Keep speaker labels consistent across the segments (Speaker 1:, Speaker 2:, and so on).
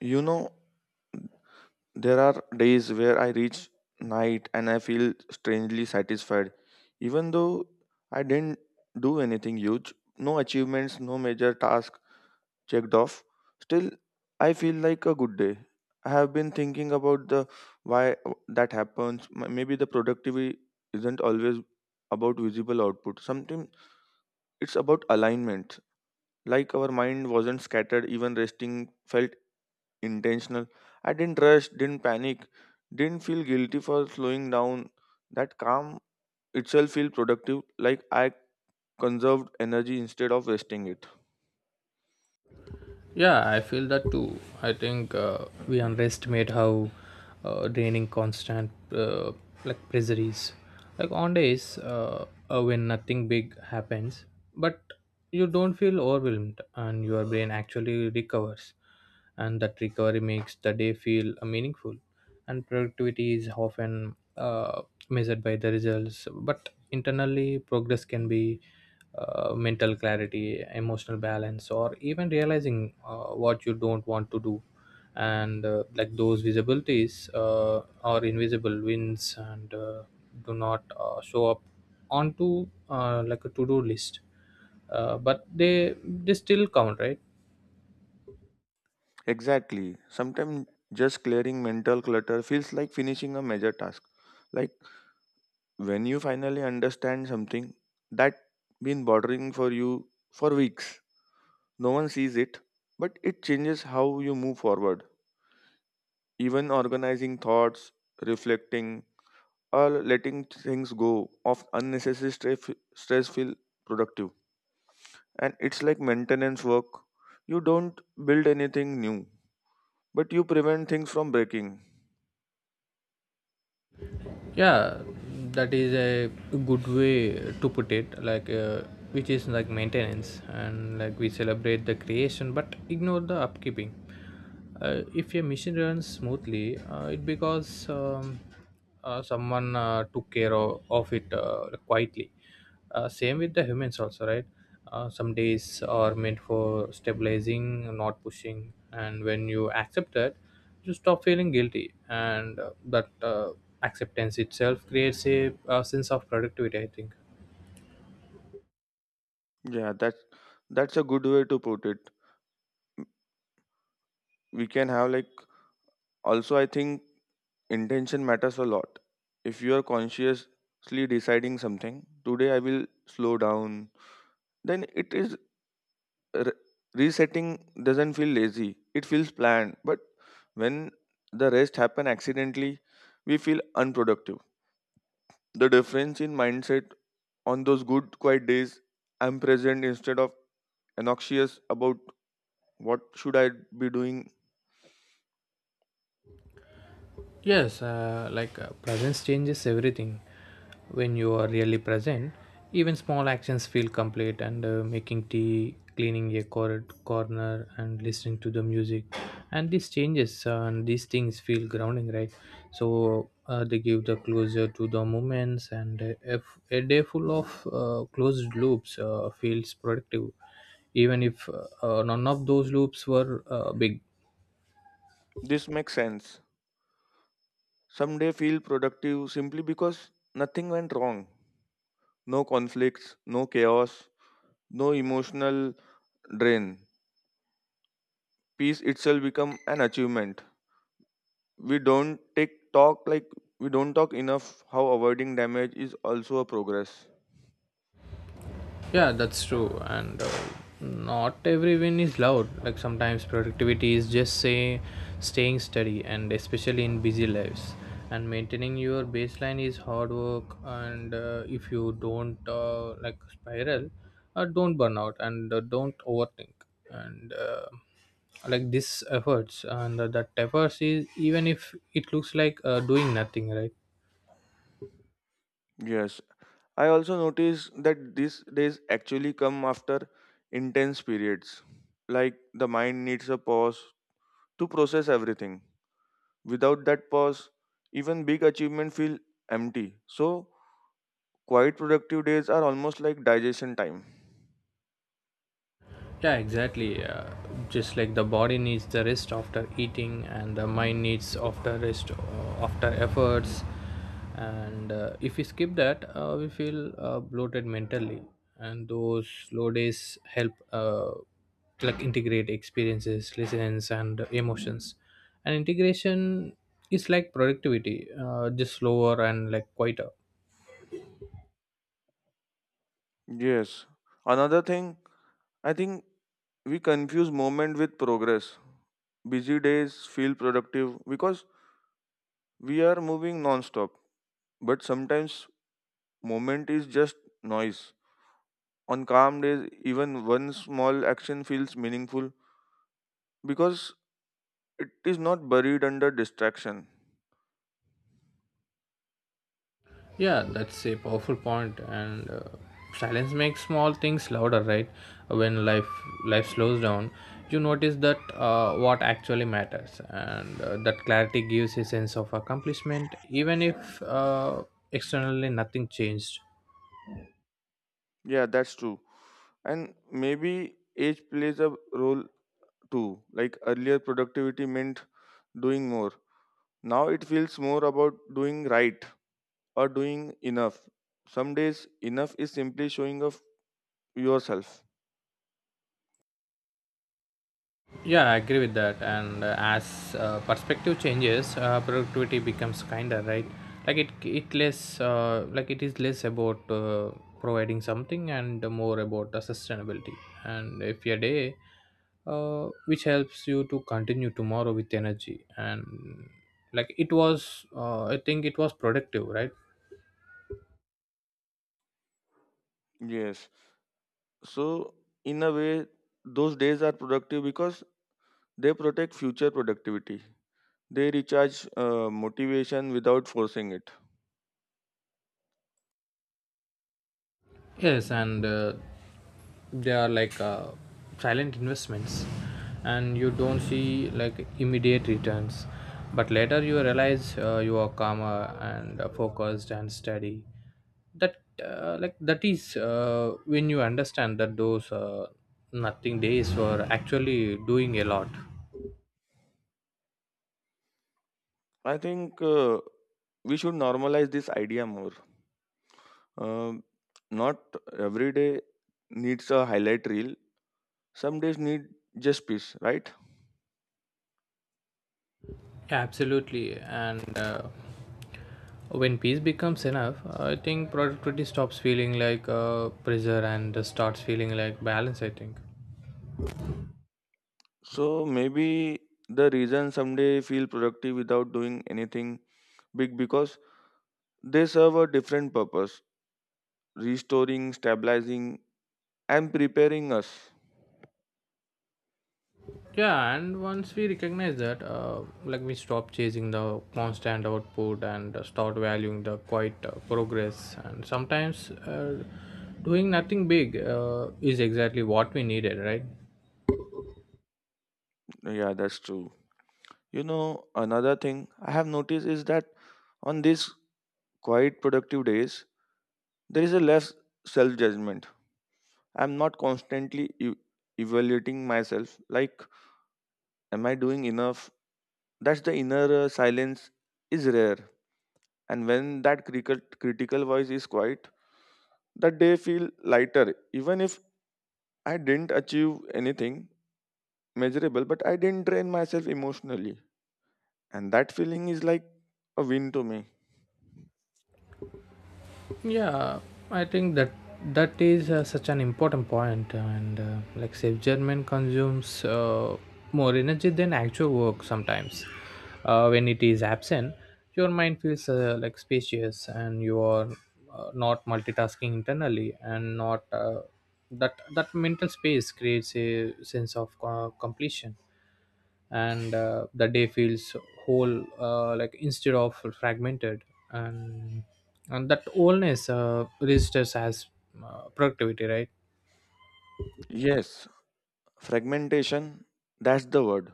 Speaker 1: You know, there are days where I reach night and I feel strangely satisfied, even though I didn't do anything huge, no achievements, no major task checked off. Still, I feel like a good day. I have been thinking about the why that happens. Maybe the productivity isn't always about visible output. Sometimes it's about alignment. Like our mind wasn't scattered, even resting felt intentional. I didn't rush, didn't panic, didn't feel guilty for slowing down. That calm itself feel productive, like I conserved energy instead of wasting it.
Speaker 2: Yeah, I feel that too. I think we underestimate how draining constant like pressure is. Like on days when nothing big happens, but you don't feel overwhelmed and your brain actually recovers, and that recovery makes the day feel meaningful. And productivity is often measured by the results, but internally progress can be mental clarity, emotional balance, or even realizing what you don't want to do. And like those visibilities are invisible wins, and do not show up onto like a to-do list, but they still count, right?
Speaker 1: Exactly. Sometimes just clearing mental clutter feels like finishing a major task. Like when you finally understand something that been bothering for you for weeks. No one sees it, but it changes how you move forward. Even organizing thoughts, reflecting, or letting things go of unnecessary stress feel productive. And it's like maintenance work. You don't build anything new, but you prevent things from breaking.
Speaker 2: Yeah, that is a good way to put it, like which is like maintenance, and like we celebrate the creation but ignore the upkeeping. Uh, if a machine runs smoothly, it because someone took care of it quietly. Uh, same with the humans also, right? Uh, some days are meant for stabilizing, not pushing, and when you accept that, you stop feeling guilty, and that acceptance itself creates a sense of productivity, I think.
Speaker 1: Yeah, that's a good way to put it. We can have like also I think intention matters a lot. If you are consciously deciding something, today I will slow down, then it is re- resetting doesn't feel lazy, it feels planned. But when the rest happen accidentally, we feel unproductive. The difference in mindset on those good quiet days, I'm present instead of anxious about what should I be doing.
Speaker 2: Yes, like presence changes everything. When you are really present, even small actions feel complete. And making tea, cleaning a corner, and listening to the music, and these changes and these things feel grounding, right? So they give the closure to the moments, and if a day full of closed loops feels productive, even if none of those loops were big.
Speaker 1: This makes sense. Someday feel productive simply because nothing went wrong, no conflicts, no chaos, no emotional drain. Peace itself become an achievement. We don't take talk like we don't talk enough how avoiding damage is also a progress.
Speaker 2: Yeah, that's true. And not every win is loud. Like sometimes productivity is just say staying steady, and especially in busy lives. And maintaining your baseline is hard work. And if you don't like spiral, don't burn out, and don't overthink. And like this efforts, and that efforts is, even if it looks like doing nothing, right?
Speaker 1: Yes, I also notice that these days actually come after intense periods, like the mind needs a pause to process everything. Without that pause, even big achievements feel empty, so quiet productive days are almost like digestion time.
Speaker 2: Yeah, exactly. Just like the body needs the rest after eating, and the mind needs after rest after efforts. And if we skip that, we feel bloated mentally. And those slow days help, like integrate experiences, lessons, and emotions. And integration is like productivity, just slower and like quieter.
Speaker 1: Yes. Another thing, I think we confuse moment with progress. Busy days feel productive because we are moving non-stop. But sometimes moment is just noise. On calm days, even one small action feels meaningful because it is not buried under distraction.
Speaker 2: Yeah, that's a powerful point, and silence makes small things louder, right? When life slows down, you notice that what actually matters, and that clarity gives a sense of accomplishment, even if externally nothing changed.
Speaker 1: Yeah, that's true. And maybe age plays a role too. Like earlier productivity meant doing more. Now it feels more about doing right or doing enough. Some days, enough is simply showing of yourself.
Speaker 2: Yeah, I agree with that. And as perspective changes, productivity becomes kinder, right? Like it less, like it is less about providing something and more about the sustainability. And if your day, which helps you to continue tomorrow with energy, and like it was, I think it was productive, right?
Speaker 1: Yes. So, in a way, those days are productive because they protect future productivity. They recharge motivation without forcing it.
Speaker 2: Yes, and they are like silent investments, and you don't see like immediate returns, but later you realize you are calmer and focused and steady. That like that is when you understand that those nothing days were actually doing a lot.
Speaker 1: I think we should normalize this idea more. Um, Not every day needs a highlight reel. Some days need just peace, right?
Speaker 2: Yeah, absolutely, and. When peace becomes enough, I think productivity stops feeling like pressure and just starts feeling like balance, I think.
Speaker 1: So maybe the reason someday feel productive without doing anything big because they serve a different purpose, restoring, stabilizing, and preparing us.
Speaker 2: Yeah, and once we recognize that, like we stop chasing the constant output and start valuing the quiet progress. And sometimes doing nothing big is exactly what we needed, right?
Speaker 1: Yeah, that's true. You know, another thing I have noticed is that on these quiet, productive days, there is a less self judgment. I'm not constantly evaluating myself, like, am I doing enough? That's the inner silence is rare, and when that critical voice is quiet, that day feel lighter, even if I didn't achieve anything measurable, but I didn't drain myself emotionally, and that feeling is like a win to me.
Speaker 2: Yeah, I think that is such an important point, and like self judgment consumes more energy than actual work sometimes. Uh, when it is absent, your mind feels like spacious, and you are not multitasking internally, and not that mental space creates a sense of completion, and the day feels whole, like instead of fragmented, and and that wholeness registers as productivity, right?
Speaker 1: Yes, fragmentation, that's the word.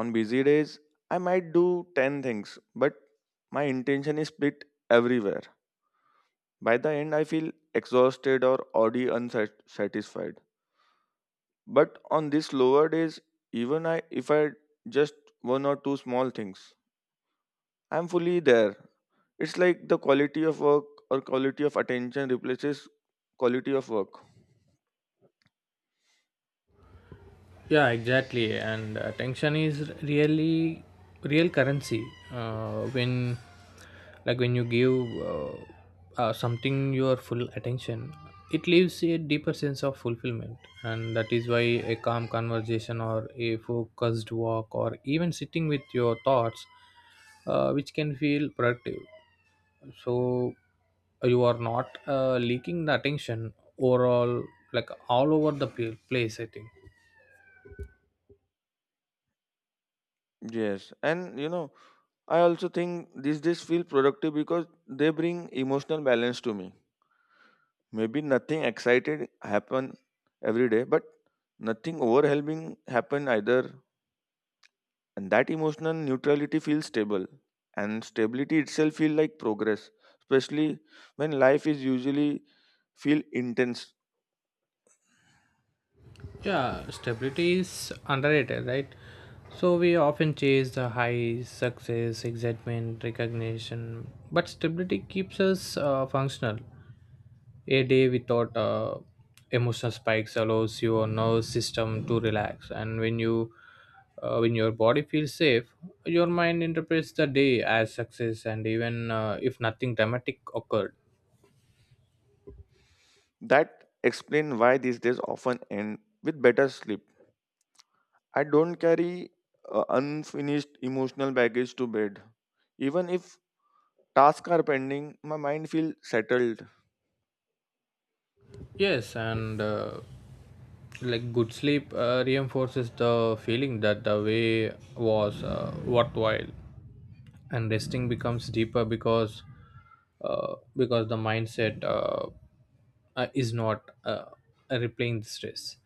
Speaker 1: On busy days I might do 10 things, but my intention is split everywhere. By the end I feel exhausted or already unsatisfied. But on these lower days, even I if I just one or two small things, I'm fully there. It's like the quality of work or quality of attention replaces quality of work.
Speaker 2: Yeah, exactly. And attention is really real currency. Uh, when like when you give uh, something your full attention, it leaves a deeper sense of fulfillment, and that is why a calm conversation or a focused walk or even sitting with your thoughts which can feel productive. So you are not leaking the attention overall, like all over the place, I think.
Speaker 1: Yes, and you know, I also think these days feel productive because they bring emotional balance to me. Maybe nothing excited happen every day, but nothing overwhelming happen either. And that emotional neutrality feels stable, and stability itself feels like progress, especially when life is usually feel intense.
Speaker 2: Yeah, stability is underrated, right? So we often chase the highs, success, excitement, recognition, but stability keeps us functional. A day without emotional spikes allows your nervous system to relax, and when you when your body feels safe, your mind interprets the day as success, and even if nothing dramatic occurred.
Speaker 1: That explain why these days often end with better sleep. I don't carry unfinished emotional baggage to bed. Even if tasks are pending, my mind feels settled.
Speaker 2: Yes, and like good sleep reinforces the feeling that the way was worthwhile, and resting becomes deeper because the mindset is not replaying the stress.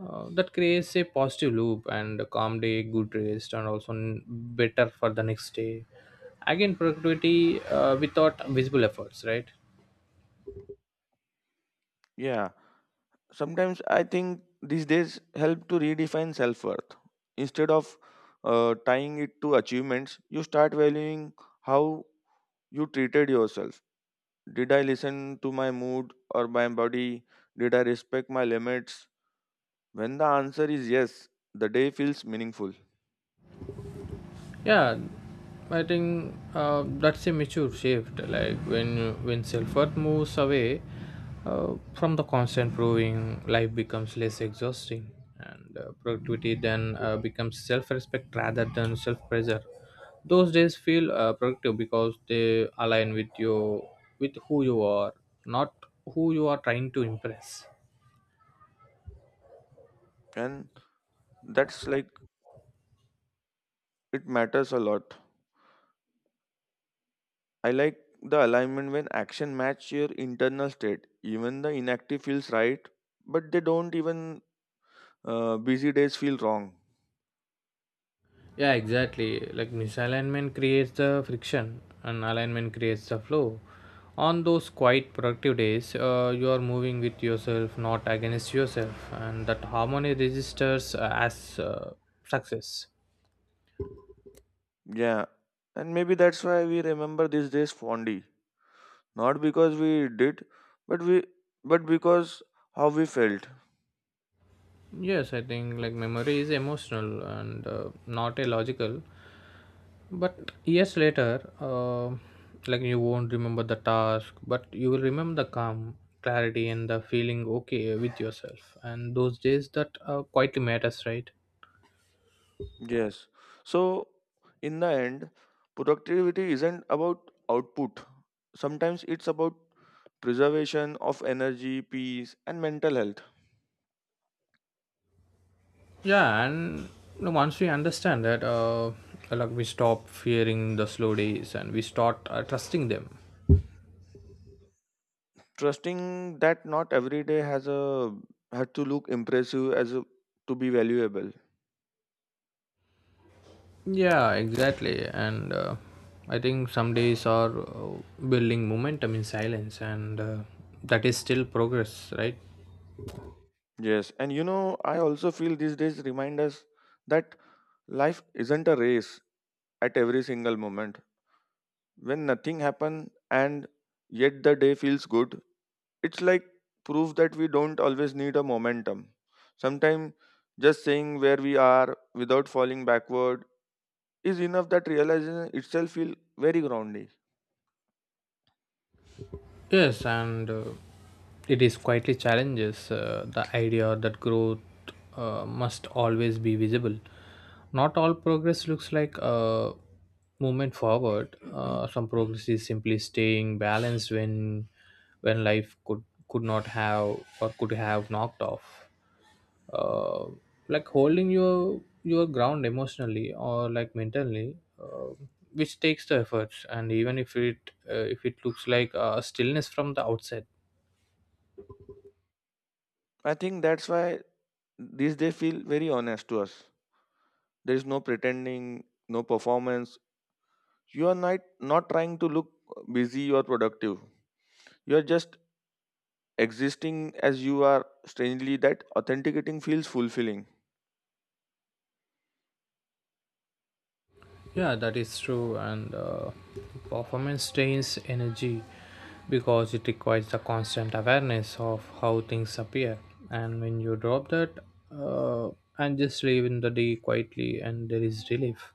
Speaker 2: Uh, that creates a positive loop, and a calm day good rest, and also better for the next day, again productivity without visible efforts, right?
Speaker 1: Yeah, sometimes I think these days help to redefine self-worth. Instead of tying it to achievements, you start valuing how you treated yourself. Did I listen to my mood or my body? Did I respect my limits? When the answer is yes, the day feels meaningful.
Speaker 2: Yeah, I think that's a mature shift. Like when self worth moves away from the constant proving, life becomes less exhausting, and productivity then becomes self respect rather than self pressure. Those days feel productive because they align with you, with who you are, not who you are trying to impress.
Speaker 1: And that's like it matters a lot. I like the alignment, when action match your internal state, even the inactive feels right. But they don't even, busy days feel wrong.
Speaker 2: Yeah, exactly. Like misalignment creates the friction, and alignment creates the flow. On those quiet productive days, you are moving with yourself, not against yourself, and that harmony registers as success.
Speaker 1: Yeah, and maybe that's why we remember these days fondly. Not because we did, but we, but because how we felt.
Speaker 2: Yes, I think like memory is emotional and not a logical. But years later, like you won't remember the task, but you will remember the calm, clarity, and the feeling okay with yourself. And those days that quietly matters, right?
Speaker 1: Yes. So in the end, productivity isn't about output. Sometimes it's about preservation of energy, peace, and mental health.
Speaker 2: Yeah, and you know, once we understand that, like we stop fearing the slow days and we start trusting them.
Speaker 1: Trusting that not every day has a had to look impressive as a, to be valuable.
Speaker 2: Yeah, exactly. And I think some days are building momentum in silence, and that is still progress, right?
Speaker 1: Yes, and you know, I also feel these days remind us that life isn't a race at every single moment. When nothing happens and yet the day feels good, it's like proof that we don't always need a momentum. Sometimes just saying where we are without falling backward is enough, that realization itself feels very grounding.
Speaker 2: Yes, and it is quietly challenges the idea that growth must always be visible. Not all progress looks like a movement forward. Some progress is simply staying balanced when when life could not have or could have knocked off, uh, like holding your ground emotionally or like mentally, which takes the efforts, and even if it looks like a stillness from the outside.
Speaker 1: I think that's why these days feel very honest to us. There is no pretending, no performance. You are not, not trying to look busy or productive. You are just existing as you are, strangely that authenticating feels fulfilling.
Speaker 2: Yeah, that is true, and performance drains energy because it requires the constant awareness of how things appear. And when you drop that, uh, and just live in the day quietly, and there is relief,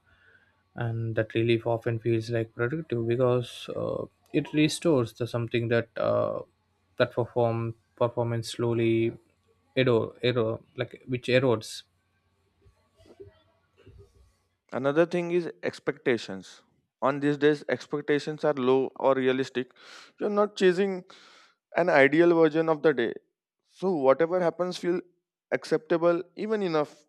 Speaker 2: and that relief often feels like productive because it restores the something that that performance slowly erode, erode like which erodes.
Speaker 1: Another thing is expectations. On these days expectations are low or realistic. You're not chasing an ideal version of the day, so whatever happens feel acceptable, even enough.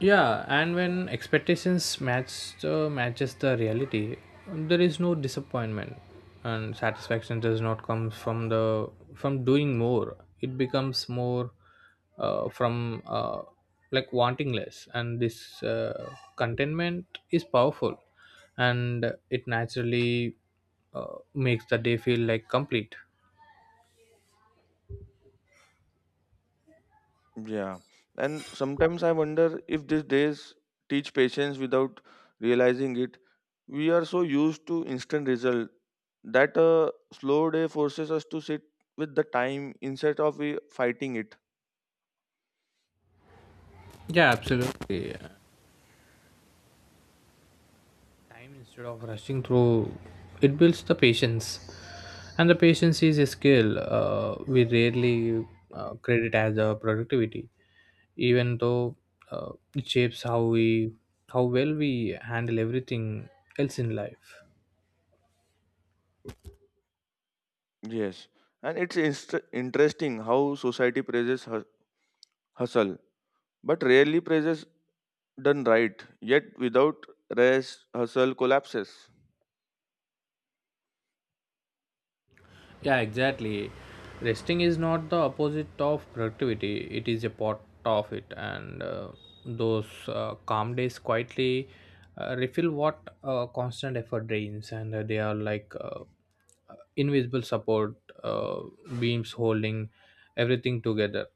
Speaker 2: Yeah, and when expectations match the reality, there is no disappointment, and satisfaction does not come from the from doing more. It becomes more, from like wanting less, and this contentment is powerful, and it naturally makes the day feel like complete.
Speaker 1: Yeah. And sometimes I wonder if these days teach patience without realizing it. We are so used to instant result that a slow day forces us to sit with the time instead of we fighting it.
Speaker 2: Yeah, absolutely. Time instead of rushing through, it builds the patience, and the patience is a skill we rarely credit as a productivity, even though it shapes how we how well we handle everything else in life.
Speaker 1: Yes. And it's interesting how society praises hustle, but rarely praises done right. Yet without rest, hustle collapses.
Speaker 2: Yeah, exactly. Resting is not the opposite of productivity, it is a part of it. And those calm days quietly refill what constant effort drains, and they are like invisible support uh, beams holding everything together.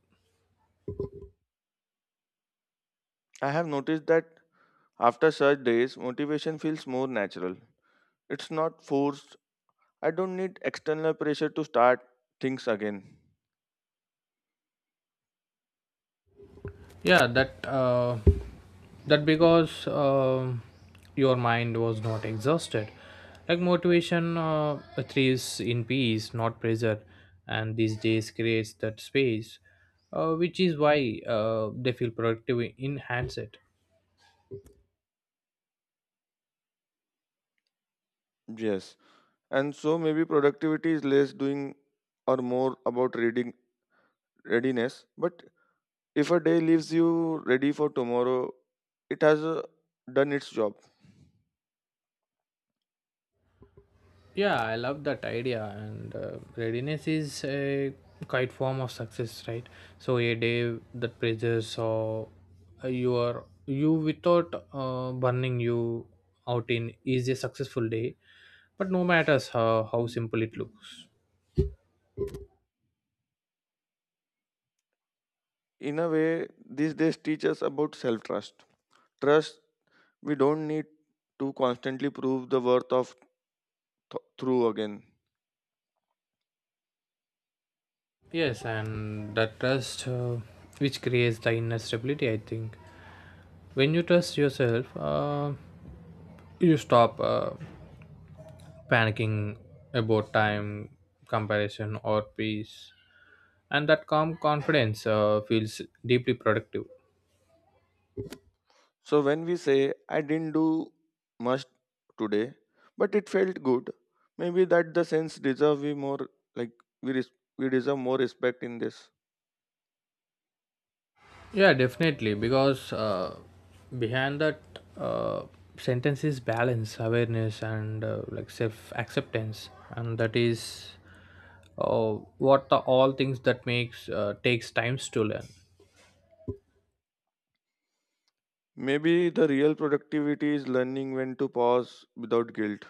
Speaker 1: I have noticed that after such days, motivation feels more natural. It's not forced. I don't need external pressure to start things again.
Speaker 2: Yeah, that that because your mind was not exhausted. Like motivation thrives in peace, not pressure, and these days creates that space, which is why they feel productive in handset.
Speaker 1: Yes. And so maybe productivity is less doing or more about reading readiness. But if a day leaves you ready for tomorrow, it has done its job.
Speaker 2: Yeah, I love that idea, and readiness is a quite form of success, right? So a day that praises or you are you without burning you out in is a successful day, but no matters how simple it looks.
Speaker 1: In a way, these days teach us about self trust. Trust we don't need to constantly prove the worth of through again.
Speaker 2: Yes, and that trust which creates the inner stability, I think. When you trust yourself, you stop panicking about time, comparison, or peace. And that calm confidence feels deeply productive.
Speaker 1: So when we say, I didn't do much today, but it felt good, maybe that the sense deserve we more, like we res- we deserve more respect in this.
Speaker 2: Yeah, definitely, because behind that uh, sentence is balance awareness and like self acceptance, and that is what the all things that makes takes times to learn.
Speaker 1: Maybe the real productivity is learning when to pause without guilt.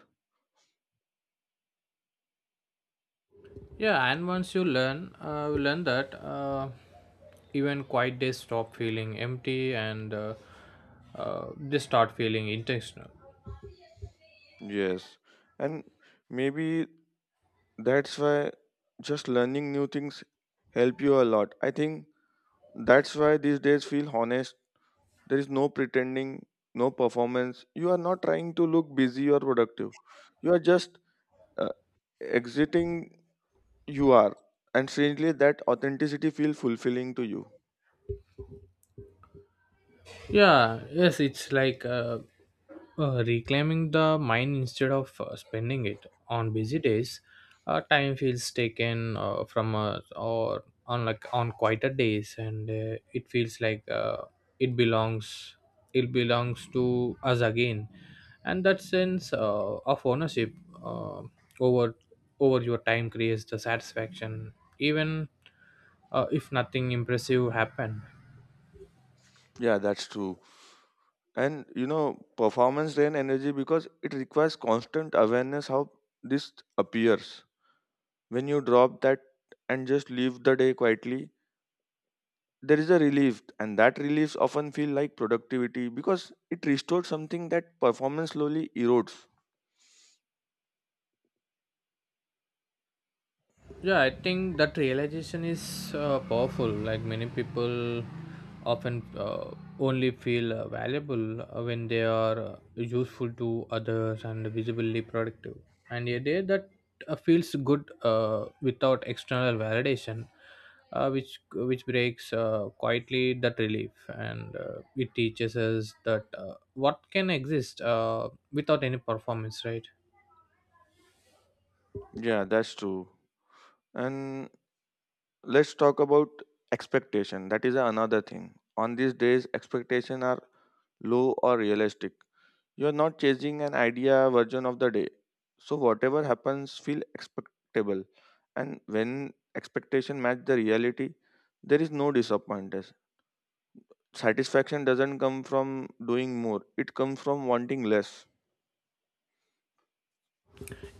Speaker 2: Yeah, and once you learn, you learn that even quiet days stop feeling empty, and they start feeling intentional.
Speaker 1: Yes, and maybe that's why just learning new things help you a lot. I think that's why these days feel honest. There is no pretending, no performance. You are not trying to look busy or productive. You are just uh, exiting you are, and strangely that authenticity feel fulfilling to you.
Speaker 2: Yeah, yes, it's like reclaiming the mind instead of spending it on busy days. Time feels taken from us, or on like on quieter days, and it feels like it belongs. It belongs to us again, and that sense of ownership uh, over over your time creates the satisfaction, even if nothing impressive happened.
Speaker 1: Yeah, that's true. And you know, performance drain energy because it requires constant awareness how this appears. When you drop that and just leave the day quietly, there is a relief, and that reliefs often feel like productivity because it restores something that performance slowly erodes.
Speaker 2: Yeah, I think that realization is powerful. Like many people often only feel valuable when they are useful to others and visibly productive. And a day that feels good without external validation, which breaks quietly that relief, and it teaches us that what can exist without any performance, right?
Speaker 1: Yeah, that's true. And let's talk about expectation. That is another thing. On these days, expectations are low or realistic. You are not chasing an idea version of the day. So whatever happens, feel expectable. And when expectation match the reality, there is no disappointment. Satisfaction doesn't come from doing more. It comes from wanting less.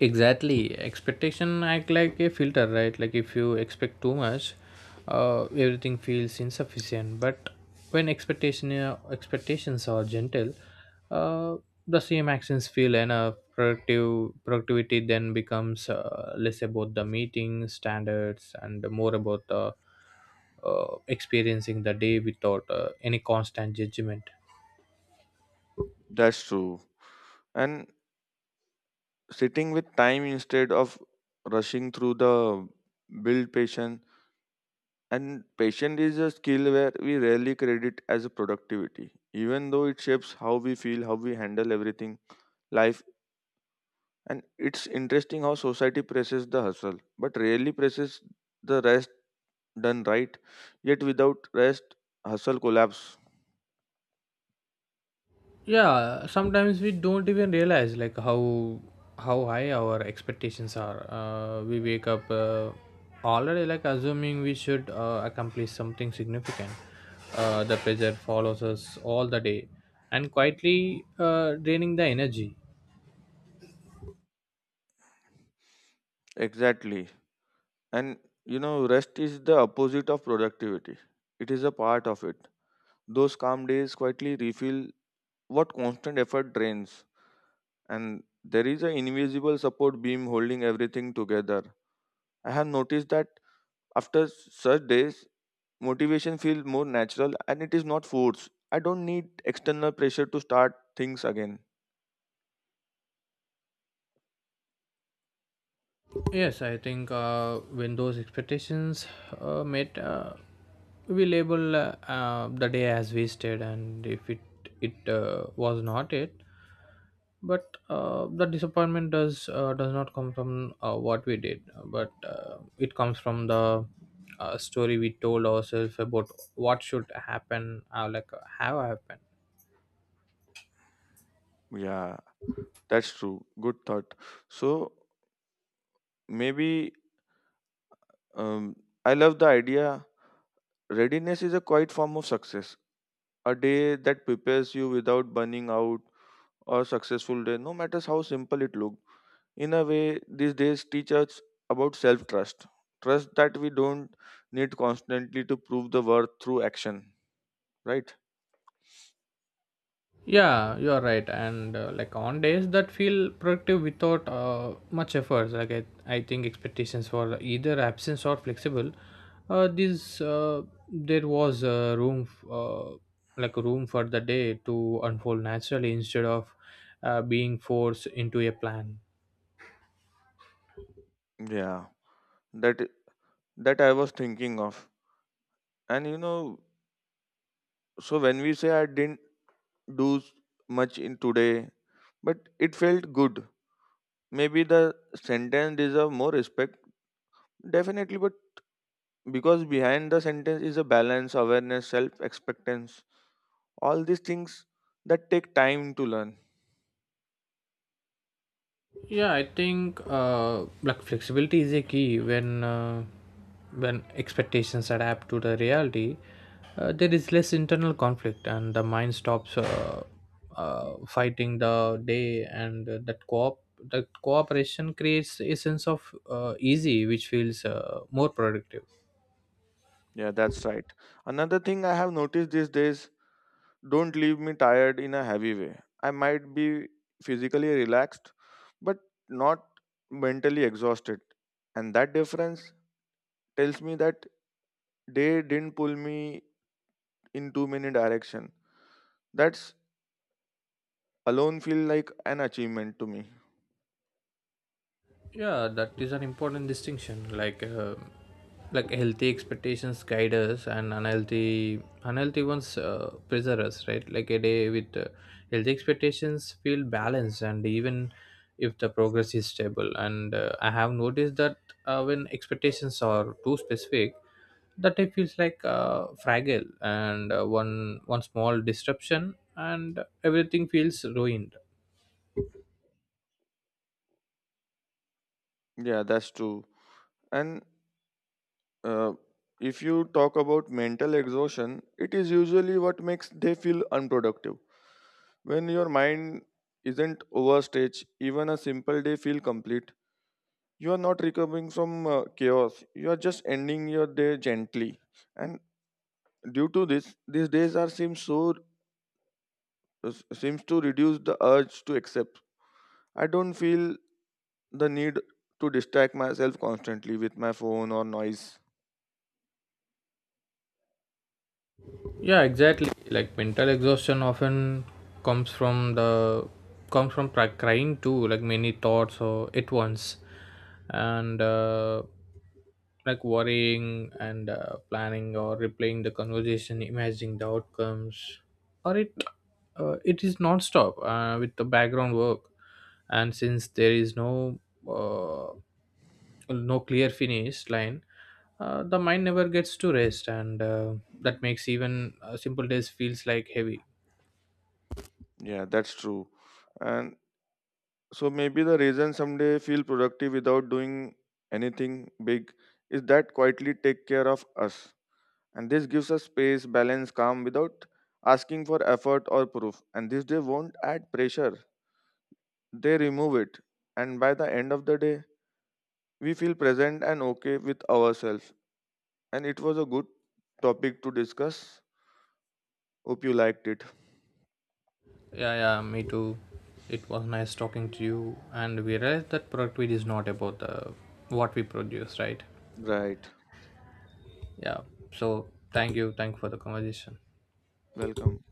Speaker 2: Exactly. Expectation act like a filter, right? Like if you expect too much, everything feels insufficient. But when expectations are gentle, uh, the same actions feel enough. Productive Productivity then becomes less about the meeting standards and more about the experiencing the day without any constant judgment.
Speaker 1: That's true. And sitting with time instead of rushing through the build patient. And patience is a skill where we rarely credit as a productivity, even though it shapes how we feel, how we handle everything, life. And it's interesting how society presses the hustle, but rarely presses the rest done right. Yet without rest, hustle collapse.
Speaker 2: Yeah, sometimes we don't even realize like how high our expectations are. Uh, we wake up already like assuming we should accomplish something significant. Uh, the pressure follows us all the day, and quietly draining the energy.
Speaker 1: Exactly. And you know, rest is the opposite of productivity. It is a part of it. Those calm days quietly refill what constant effort drains, and there is an invisible support beam holding everything together. I have noticed that after such days, motivation feels more natural and it is not forced. I don't need external pressure to start things again.
Speaker 2: Yes, I think when those expectations met, we label the day as wasted, and if it it was not it, but the disappointment does not come from what we did, but it comes from the story we told ourselves about what should happen, like have happened.
Speaker 1: Yeah, that's true. Good thought. So maybe um, I love the idea. Readiness is a quiet form of success. A day that prepares you without burning out or successful day, no matter how simple it looks. In a way these days teach us about self trust, trust that we don't need constantly to prove the worth through action, right?
Speaker 2: Yeah, you're right, and like on days that feel productive without much efforts, like I think expectations for either absence or flexible, this there was a room f- like a room for the day to unfold naturally instead of being forced into a plan.
Speaker 1: Yeah, that that I was thinking of. And you know, so when we say I didn't do s- much in today but it felt good, maybe the sentence deserve more respect definitely. But because behind the sentence is a balance awareness self expectance, all these things that take time to learn.
Speaker 2: Yeah, I think like flexibility is a key when expectations adapt to the reality, there is less internal conflict, and the mind stops fighting the day, and that cooperation creates a sense of easy, which feels more productive.
Speaker 1: Yeah, that's right. Another thing I have noticed, these days don't leave me tired in a heavy way. I might be physically relaxed, but not mentally exhausted. And that difference tells me that they didn't pull me in too many direction. That's alone feel like an achievement to me.
Speaker 2: Yeah, that is an important distinction. Like like healthy expectations guide us, and unhealthy ones pressure us, right? Like a day with healthy expectations feel balanced and even if the progress is stable, and I have noticed that when expectations are too specific, that it feels like fragile, and one small disruption and everything feels ruined.
Speaker 1: Yeah, that's true. And uh, if you talk about mental exhaustion, it is usually what makes they feel unproductive. When your mind isn't overstretched, even a simple day feel complete. You are not recovering from chaos. You are just ending your day gently. And due to this, these days are seem so seems to reduce the urge to accept. I don't feel the need to distract myself constantly with my phone or noise.
Speaker 2: Yeah, exactly. Like mental exhaustion often comes from the comes from crying too, like many thoughts or at once, and like worrying and planning or replaying the conversation, imagining the outcomes, or it it is non-stop with the background work, and since there is no uh, no clear finish line, the mind never gets to rest, and that makes even simple days feels like heavy.
Speaker 1: Yeah, that's true. And so maybe the reason someday feel productive without doing anything big is that quietly take care of us. And this gives us space, balance, calm without asking for effort or proof. And this day won't add pressure, they remove it. And by the end of the day, we feel present and okay with ourselves. And it was a good topic to discuss. Hope you liked it.
Speaker 2: Yeah, yeah, me too. It was nice talking to you, and we realized that productivity is not about the what we produce, right?
Speaker 1: Right.
Speaker 2: Yeah. So thank you for the conversation.
Speaker 1: Welcome.